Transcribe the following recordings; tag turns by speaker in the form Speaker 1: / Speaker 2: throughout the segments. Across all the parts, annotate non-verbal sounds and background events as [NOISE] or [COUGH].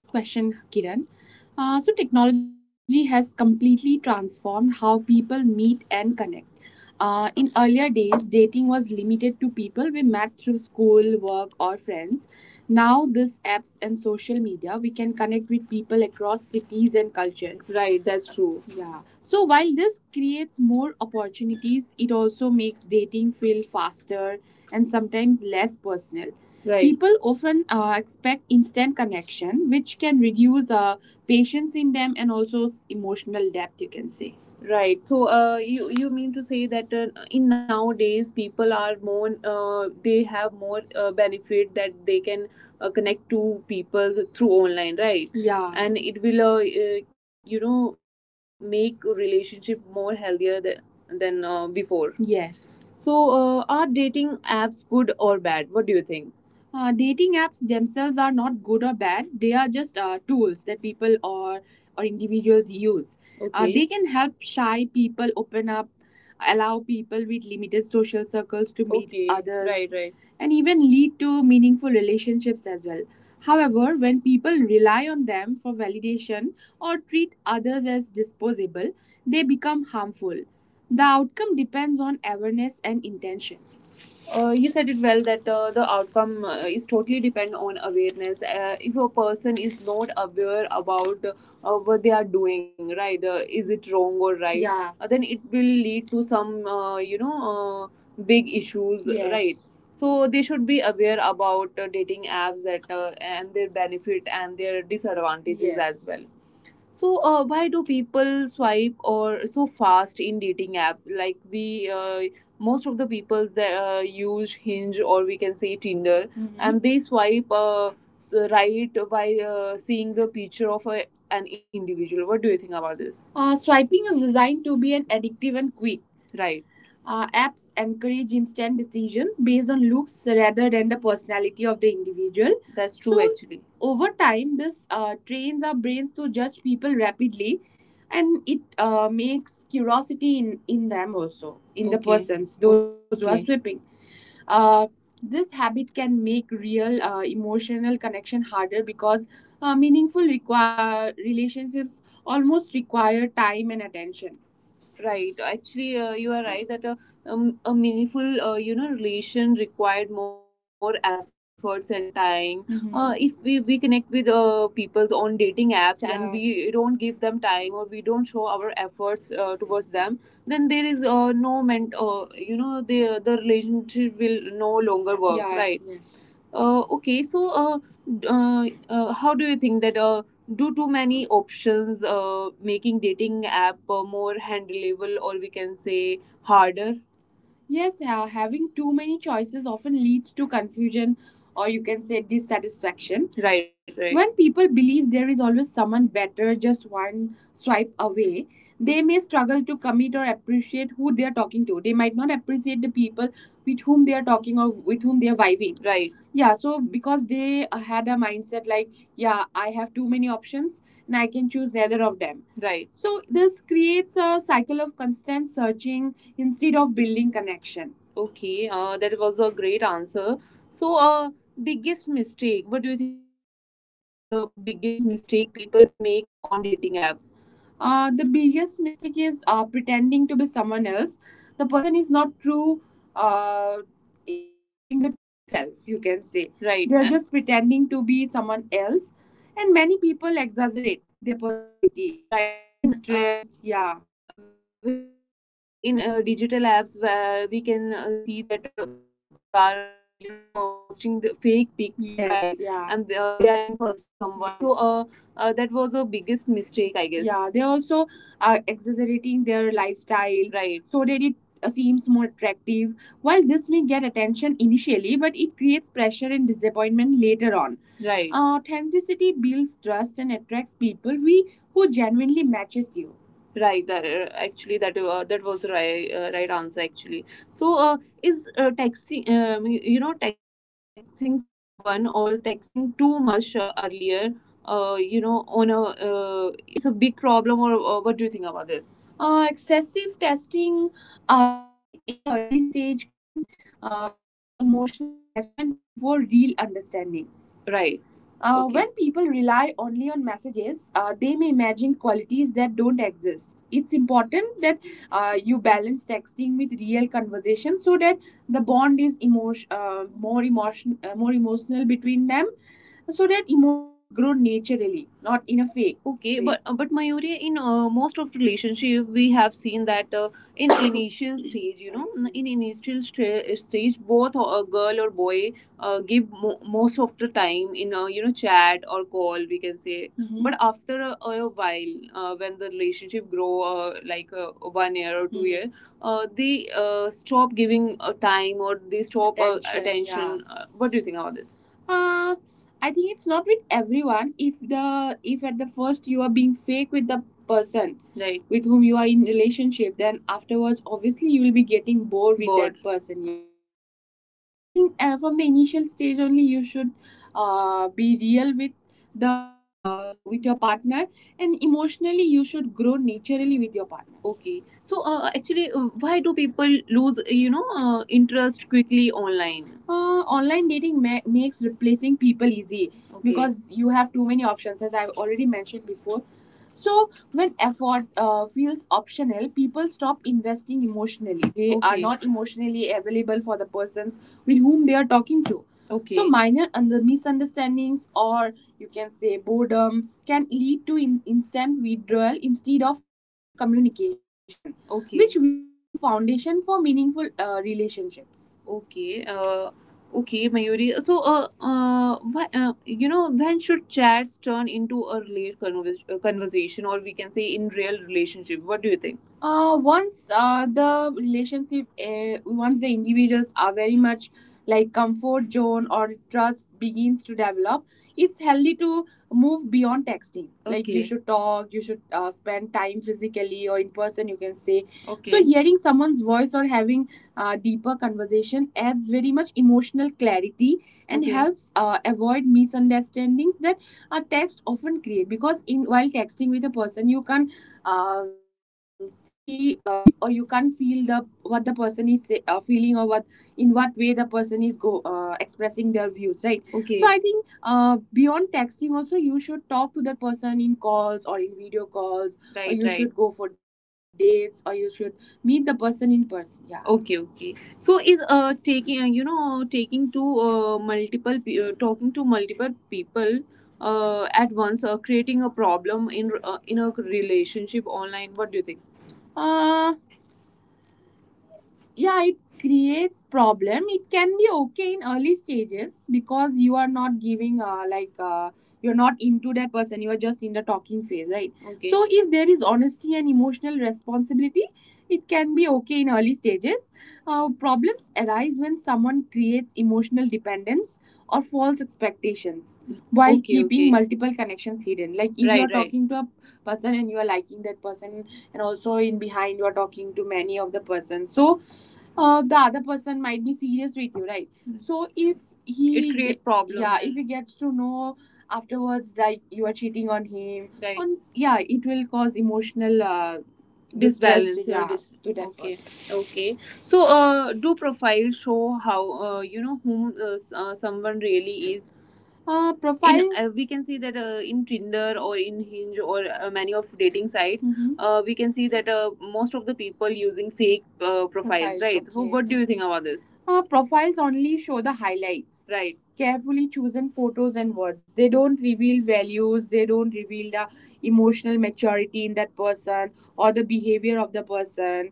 Speaker 1: That's an Kiran. Completely transformed how people meet and connect. In earlier days, dating was limited to people we met through school, work, or friends. Now, these apps and social media, we can connect with people across cities and cultures. Right, that's true. Yeah. So while this creates more opportunities, it also makes dating feel faster and sometimes less personal. Right. People often expect instant connection, which can reduce patience in them and also emotional depth, you can say. Right. So, you mean to say that in nowadays people are more they have more benefit that they can connect to people through online, right? Yeah. And it will you know, make a relationship more healthier than before. Yes. So, are dating apps good or bad? What do you think? Dating apps themselves are not good or bad. They are just tools that people or individuals use. Okay. They can help shy people open up, allow people with limited social circles to meet. Okay. Others, right, right. And even lead to meaningful relationships as well. However, when people rely on them for validation or treat others as disposable, they become harmful. The outcome depends on awareness and intention. You said it well that the outcome is totally depend on awareness. If a person is not aware about what they are doing, right? Is it wrong or right? Yeah. Then it will lead to some, you know, big issues, yes, right? So they should be aware about dating apps, that and their benefit and their disadvantages, yes, as well. So, why do people swipe or so fast in dating apps? Like we, most of the people that use Hinge or we can say Tinder, hmm, and they swipe right by seeing the picture of an individual. What do you think about this? Swiping is designed to be an addictive and quick. Right. Apps encourage instant decisions based on looks rather than the personality of the individual. That's true. So, actually over time this trains our brains to judge people rapidly, and it makes curiosity in them also in the, okay, persons those who are, okay, sweeping. uh, this habit can make real emotional connection harder, because meaningful require relationships almost require time and attention. Right. Actually, you are right that a meaningful, you know, relation required more efforts and time. Hmm. If we connect with people's on dating apps, and, yeah, we don't give them time or we don't show our efforts towards them, then there is no meant, you know, the relationship will no longer work. Yeah. Right. Yes. Okay, so how do you think that do too many options, making dating app more handleable, or we can say harder? Yes, having too many choices often leads to confusion, or you can say dissatisfaction. Right, right. When people believe there is always someone better just one swipe away, they may struggle to commit or appreciate who they are talking to. They might not appreciate the people with whom they are talking or with whom they are vibing. Right. Yeah, so because they had a mindset like, yeah, I have too many options and I can choose neither of them. Right. So this creates a cycle of constant searching instead of building connection. Okay, that was a great answer. So, biggest mistake. What do you think about the biggest mistake people make on dating app? The biggest mistake is pretending to be someone else. The person is not true, uh, is not showing their true self, you can say. Right. They're just pretending to be someone else. And many people exaggerate their personality, right, their In interest. Yeah. We can say that in digital apps where we can see that many people are you know, posting the fake pics, yes, right, yeah. And they are impersonating someone, so, yes. So that was the biggest mistake, I guess. Yeah, they also are exaggerating their lifestyle, right, so that it seems more attractive. While this may get attention initially, but it creates pressure and disappointment later on, right. Authenticity builds trust and attracts people we who genuinely matches you. Right, that actually that was the right right answer, actually. So, is texting, you know, texting someone or texting too much earlier, you know, on a it's a big problem, or what do you think about this? Excessive testing early in the early stage can create emotional attachment before real understanding. Right. Okay. When people rely only on messages, they may imagine qualities that don't exist. It's important that you balance texting with real conversation, so that the bond is more emotional between them, so that emotions grow naturally, not in a fake, okay, way. But but Mayuri, in most of relationship, we have seen that in [COUGHS] initial stage, you know, in initial stage, both a girl or boy give most of the time in a, you know, chat or call, we can say. Mm-hmm. But after a while when the relationship grow like 1 year or 2, mhm, year, they stop giving time, or they stop attention. Attention, what do you think about this, uh, I think it's not with everyone. If at the first you are being fake with the person, right, with whom you are in relationship, then afterwards obviously you will be getting bored with, bored, that person, yeah. Okay. Okay. So I think from the initial stage only you should be real with the with your partner, and emotionally you should grow naturally with your partner. Okay, so actually, why do people lose, you know, interest quickly online? Online dating makes replacing people easy, okay, because you have too many options, as I've already mentioned before. So when effort feels optional, people stop investing emotionally. They are, okay, not emotionally available for the persons with whom they are talking to. Okay. So minor and the misunderstandings, or you can say boredom, can lead to instant withdrawal instead of communication, okay, which weakens the foundation for meaningful relationships. Okay. Okay, Mayuri. So, why, you know, when should chats turn into a real conversation, or we can say in real relationship? What do you think? Once the relationship once the individuals are very much like comfort zone or trust begins to develop, it's healthy to move beyond texting, like you, okay, should talk, you should spend time physically or in person, you can say. So okay, hearing someone's voice or having deeper conversation adds very much emotional clarity and, okay, helps avoid misunderstandings that a text often create, because in while texting with a person you can see or you can feel the what the person is feeling or what in what way the person is go expressing their views, right. Okay. So okay, I think beyond texting also you should talk to that person in calls or in video calls or, right, or you, right, should go for dates, or you should meet the person in person, yeah. Okay. Okay. So is taking you know, taking to multiple pe- talking to multiple people at once creating a problem in a relationship online? What do you think? Uh, yeah, it creates problem. It can be okay in early stages because you are not giving you're not into that person, you are just in the talking phase, right? Okay. So if there is honesty and emotional responsibility, it can be okay in early stages. Problems arise when someone creates emotional dependence or false expectations while, okay, keeping, okay, multiple connections hidden. Like if you, right, you're right, talking to a person and you are liking that person, and also in behind you are talking to many of the persons. So the other person might be serious with you, right? Mm. So if he, it create problem, yeah, if he gets to know afterwards like you are cheating on him, right on, yeah, it will cause emotional disbalance, disbalance, yeah, yeah, to that, okay, person. Okay. So do profiles show how whom, someone really is? In profiles we can see that in Tinder or in Hinge, or many of dating sites. Hmm. We can see that most of the people using fake profiles, right? So okay, what do you think about this? Profiles only show the highlights, right? Carefully chosen photos and words. They don't reveal values, they don't reveal the emotional maturity in that person or the behavior of the person.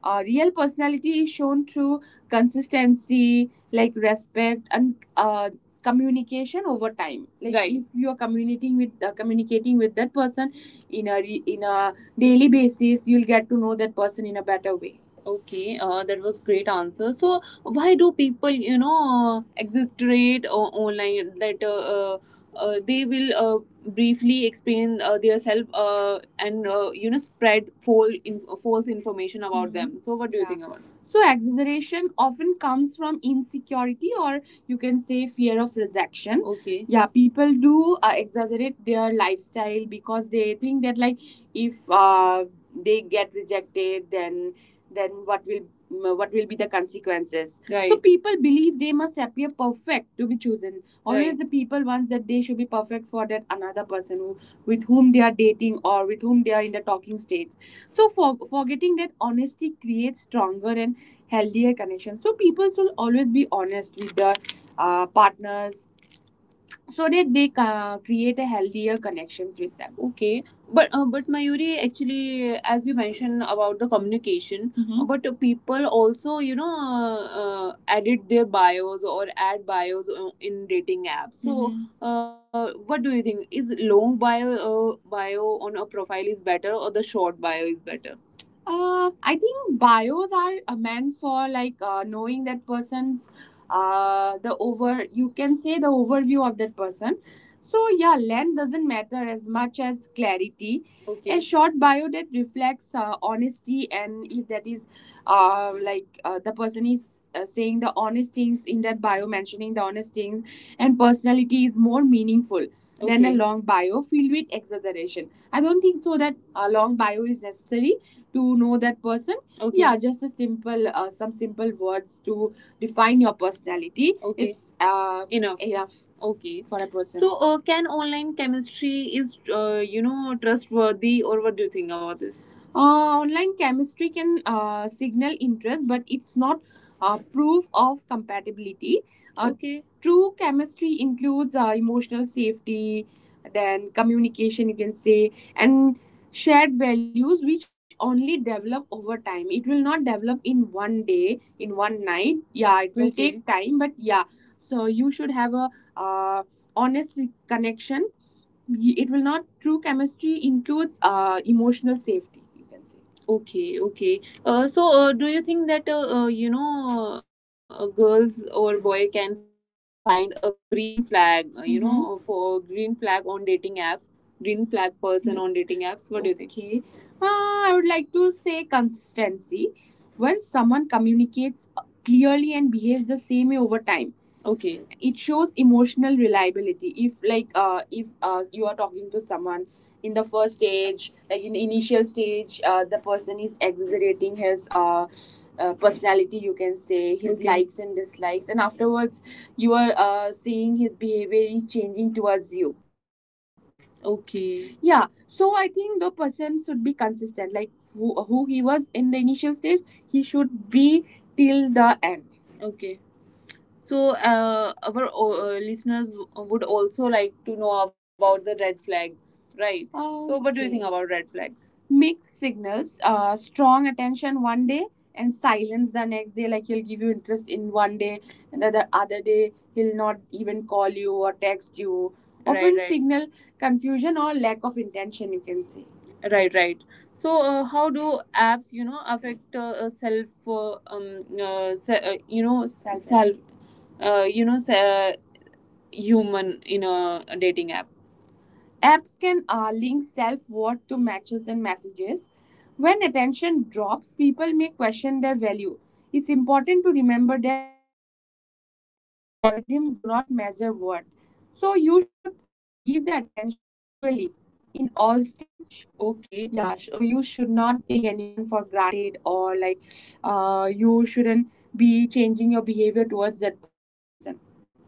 Speaker 1: Real personality is shown through consistency, like respect and communication over time. Like, right, if you are communicating with that person in a daily basis, you'll get to know that person in a better way. Okay, that was great answer. So why do people, exaggerate online that, they will briefly explain their self, and spread false false information about, mhm, them. So what do you, yeah, think about it? So, exaggeration often comes from insecurity, or you can say fear of rejection. Okay. Yeah, people do exaggerate their lifestyle because they think that, like, if they get rejected, then then what will what will be the consequences? Right. So right, people believe they must appear perfect to be chosen always. Right. The people wants that they should be perfect for that another person who, with whom they are dating, or with whom they are in the talking stage. So for forgetting that honesty creates stronger and healthier connections. So people should always be honest with their partners, so that they create a healthier connections with them. Okay, but Mayuri, actually, as you mentioned about the communication, mhm, but people also, you know, edit their bios, or add bios in dating apps. So, mhm, what do you think? Is long bio on a profile is better, or the short bio is better? I think bios are meant for like knowing that person's the over you can say the overview of that person. So yeah, length doesn't matter as much as clarity. Okay. A, okay, short bio that reflects honesty, and if that is the person is saying the honest things in that bio, mentioning the honest things and personality, is more meaningful than a, okay, long bio filled with exaggeration. I don't think so that a long bio is necessary to know that person. Okay. Yeah, just a simple some simple words to define your personality. Okay. It's uh, enough, okay, for a person. So can online chemistry is, trustworthy, or what do you think about this? Online chemistry can signal interest, but it's not proof of compatibility. Okay, true chemistry includes emotional safety, then communication, you can say, and shared values, which only develop over time. It will not develop in one day, in one night. Yeah, it will, okay, take time, but yeah. So you should have a, uh, honest connection. It will not, true chemistry includes emotional safety, you can say. Okay, okay. So, do you think that, girls or boy can find a green flag? You, mhm, know, for green flag on dating apps, green flag person, mm, on dating apps. What do you think? Okay. I would like to say consistency. When someone communicates clearly and behaves the same way over time, okay, it shows emotional reliability. If, like, if you are talking to someone in the first stage, like in the initial stage, the person is exaggerating his, personality, you can say his, okay, likes and dislikes, and afterwards you are seeing his behavior is changing towards you. Okay, yeah, so I think the person should be consistent. Like who he was in the initial stage, he should be till the end. Okay. So, our listeners would also like to know about the red flags, right? So, what do you, okay, think, okay, about red flags? Mixed signals, strong attention one day and silence the next day. Like he'll give you interest in one day, and the other day he'll not even call you or text you, right, often right, signal confusion or lack of intention, you can say. Right, right. So, how do apps, you know, affect self, se- you know, self self you know, say, human in a dating app? Apps can link self worth to matches and messages. When attention drops, people may question their value. It's important to remember that algorithms do not measure worth. So you should give the attention equally in all stage. Okay. Yeah, so you should not take anyone for granted, or like you shouldn't be changing your behavior towards that person.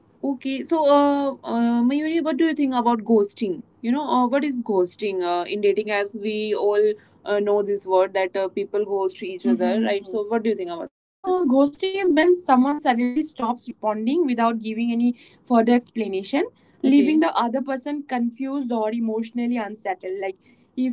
Speaker 1: Okay, so, Mayuri, what do you think about ghosting? You know, what is ghosting? In dating apps, we all know this word that people ghost each other, mhm, right? So, what do you think about, uh, this? Ghosting is when someone suddenly stops responding without giving any further explanation, okay, leaving, okay, the other person confused or emotionally unsettled. Like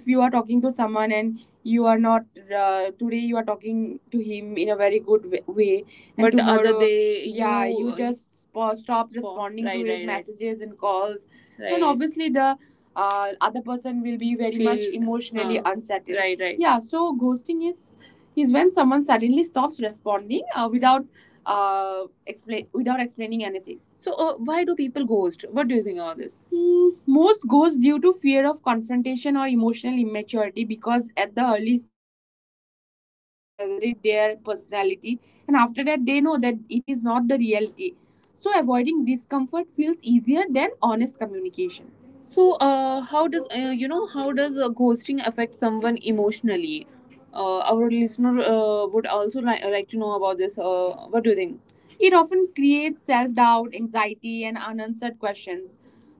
Speaker 1: if you are talking to someone, and you are not today, you are talking to him in a very good way, and but tomorrow, other day, yeah, you, just stop responding, right, to his, right, right, messages and calls, right, then, right, obviously the other person will be very much, feel-, emotionally, huh, unsettled, right, right, yeah. So ghosting is when someone suddenly stops responding without explain without explaining anything. So why do people ghost? What do you think about this? Hmm, most ghosts due to fear of confrontation or emotional immaturity, because at the early stage they used to exaggerate their personality, and after that they know that it is not the reality. So avoiding discomfort feels easier than honest communication. So, how does, how does ghosting affect someone emotionally? Our listener would also like to know about this. What do you think? It often creates self-doubt, anxiety and unanswered questions,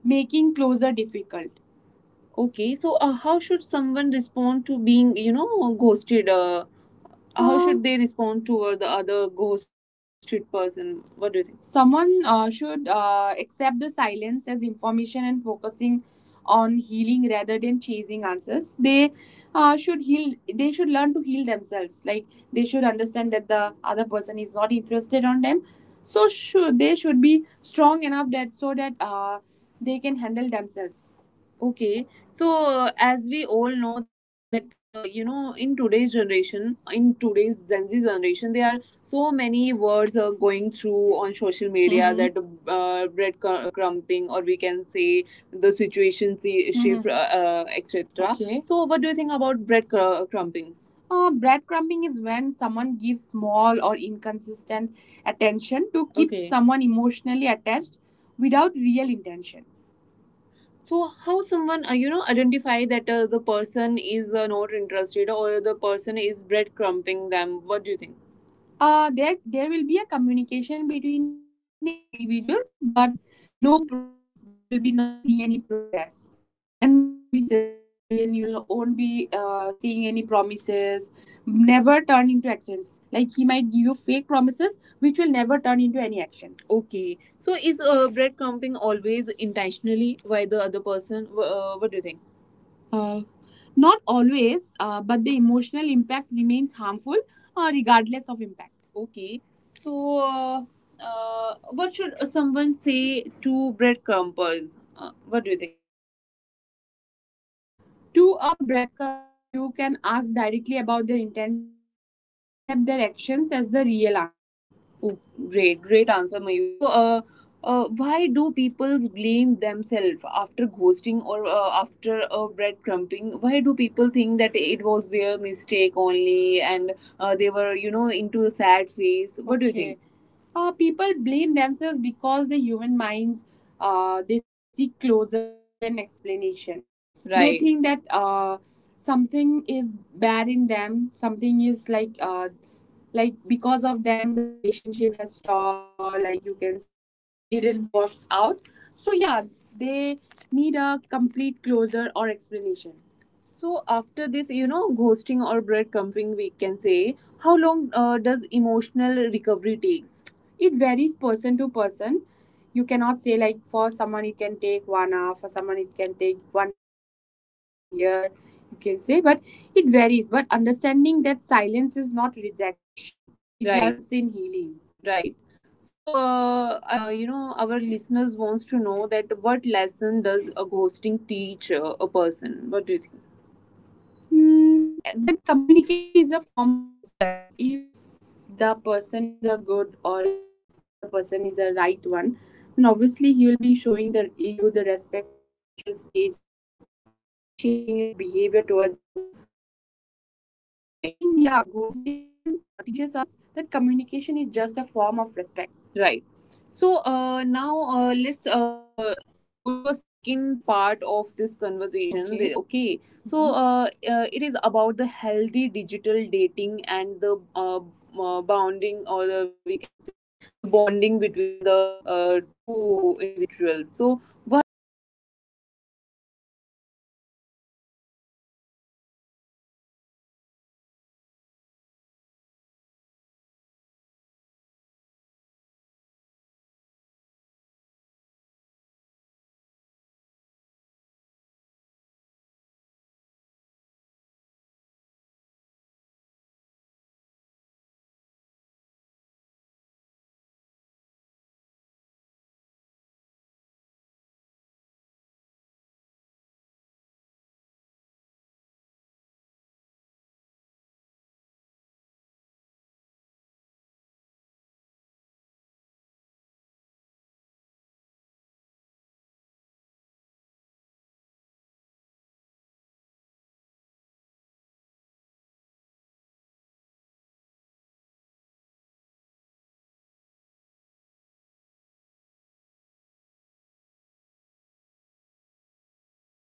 Speaker 1: making closure difficult. Okay, so how should someone respond to being, you know, ghosted? How should they respond toward the other ghosted person? What do you think? Someone should accept the silence as information and focusing on healing rather than chasing answers. They should heal, they should learn to heal themselves, like they should understand that the other person is not interested on them. So should, they should be strong enough, that so that they can handle themselves. Okay, so as we all know that, in today's generation, in today's gen z generation, there are so many words going through on social media, hmm, that uh, crumping, or we can say the situation, see, shift, hmm, etc. Okay. So what do you think about crumping? Breadcrumbing is when someone gives small or inconsistent attention to keep, okay, someone emotionally attached without real intention. So how someone, identify that the person is not interested, or the person is breadcrumbing them? What do you think? There will be a communication between the individuals, but no progress but you will be not seeing any progress, and promises but and you won't be seeing any promises, never turn into actions. Like he might give you fake promises which will never turn into any actions. Okay. So is breadcrumbing always intentionally by the other person? What do you think? Not always, but the emotional impact remains harmful regardless of impact. Okay. So, what should someone say to breadcrumbers? What do you think? Mm, to a breadcrumber, you can ask directly about their intentions and accept their actions as the real answer. Oh, great, great answer, Mayuri. So, why do peoples blame themselves after ghosting or after breadcrumbing? Why do people think that it was their mistake only and they were, into a sad phase? What do you, okay, think? People blame themselves because the human minds, they seek closure and explanation. They, right, think that something is bad in them, something is like because of them the relationship has stopped, or like you can say it didn't work out, so yeah, they need a complete closure or explanation. So after this, ghosting or breadcrumbing, we can say, how long does emotional recovery takes? It varies person to person. You cannot say like for someone it can take 1 hour, for someone it can take 1 month or 1 year. You can say, but it varies. But understanding that silence is not rejection. It, right, helps in healing. Right. So I would, our listeners wants to know that what lesson does a ghosting teach a person? What do you think? Mm, that communication is a form of respect. If the person is a good or is, if the person is a right one, then obviously he will be showing the you the respect from the initial stage itself. He'll be not changing his behavior towards you till the end. So I, right, think yeah, ghosting teaches us that communication is just a form of respect. Right. So now let's go to a second part of this conversation. Okay. Okay, so, mhm, it is about the healthy digital dating and the uh, bounding, or the, we can say the bonding between the two individuals. So, what does healthy digital dating looks like? What do you think? Healthy digital dating, it involves you can say honesty, respect, and emotional awareness from both the sides. Right, right. So, why are boundaries important in, in any relationship, or we can say in online apps or in online relationships? Because digital access doesn't mean emotional entitlement or constant availability. Because if you're talking someone in an online platform, you can't expect that the person is emotionally available, right, will be eh, every time emotionally available for you, or when you are in need, or when you want to talk to someone that he'll be always available. So yeah, there should be some boundaries in online platforms. So, how can someone set boundaries? What do you think? Without, without any guilt. By understanding that protecting emotional health is not selfish.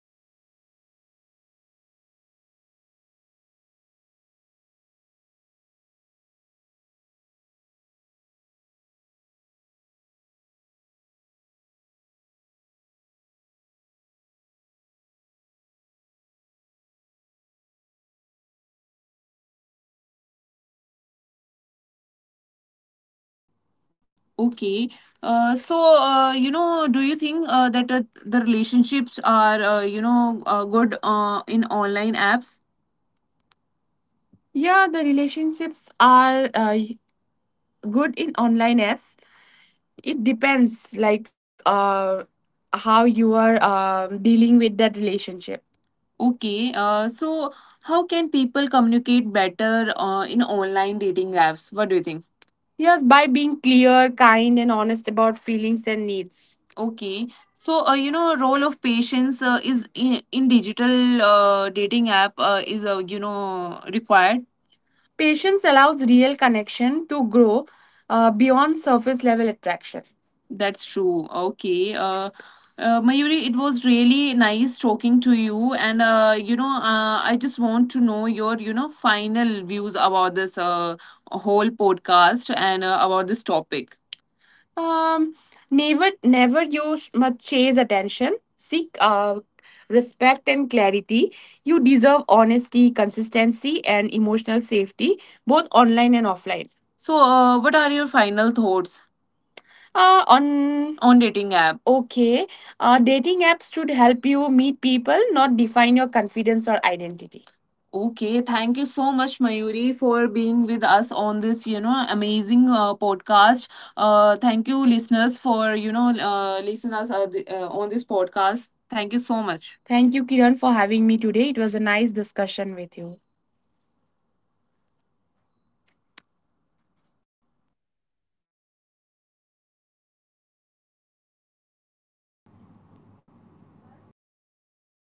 Speaker 1: That that was a great answer. So is being left on a screen, or disrespectful is okay? What do you think? Okay,
Speaker 2: Okay. Do you think that the relationships are, good in online apps? Yeah, the relationships are good in online apps. It depends, like how you are dealing with that relationship. Okay. So, how can people communicate better in online dating apps? What do you think? Yes, by being clear, kind, and honest about feelings and needs. Okay. Role of patience is in digital dating app required. Patience allows real connection to grow beyond surface level attraction. That's true. Okay. Mayuri, it was really nice talking to you, and I just want to know your final views about this whole podcast and about this topic. Um, never you must chase attention. Seek respect and clarity. You deserve honesty, consistency, and emotional safety, both online and offline. So, what are your final thoughts uh, on on dating app? Okay. Dating apps should help you meet people, not define your confidence or identity. Okay, thank you so much, Mayuri, for being with us on this, you know, amazing podcast. Thank you, listeners, for listeners on this podcast. Thank you so much. Thank you, Kiran, for having me today. It was a nice discussion with you.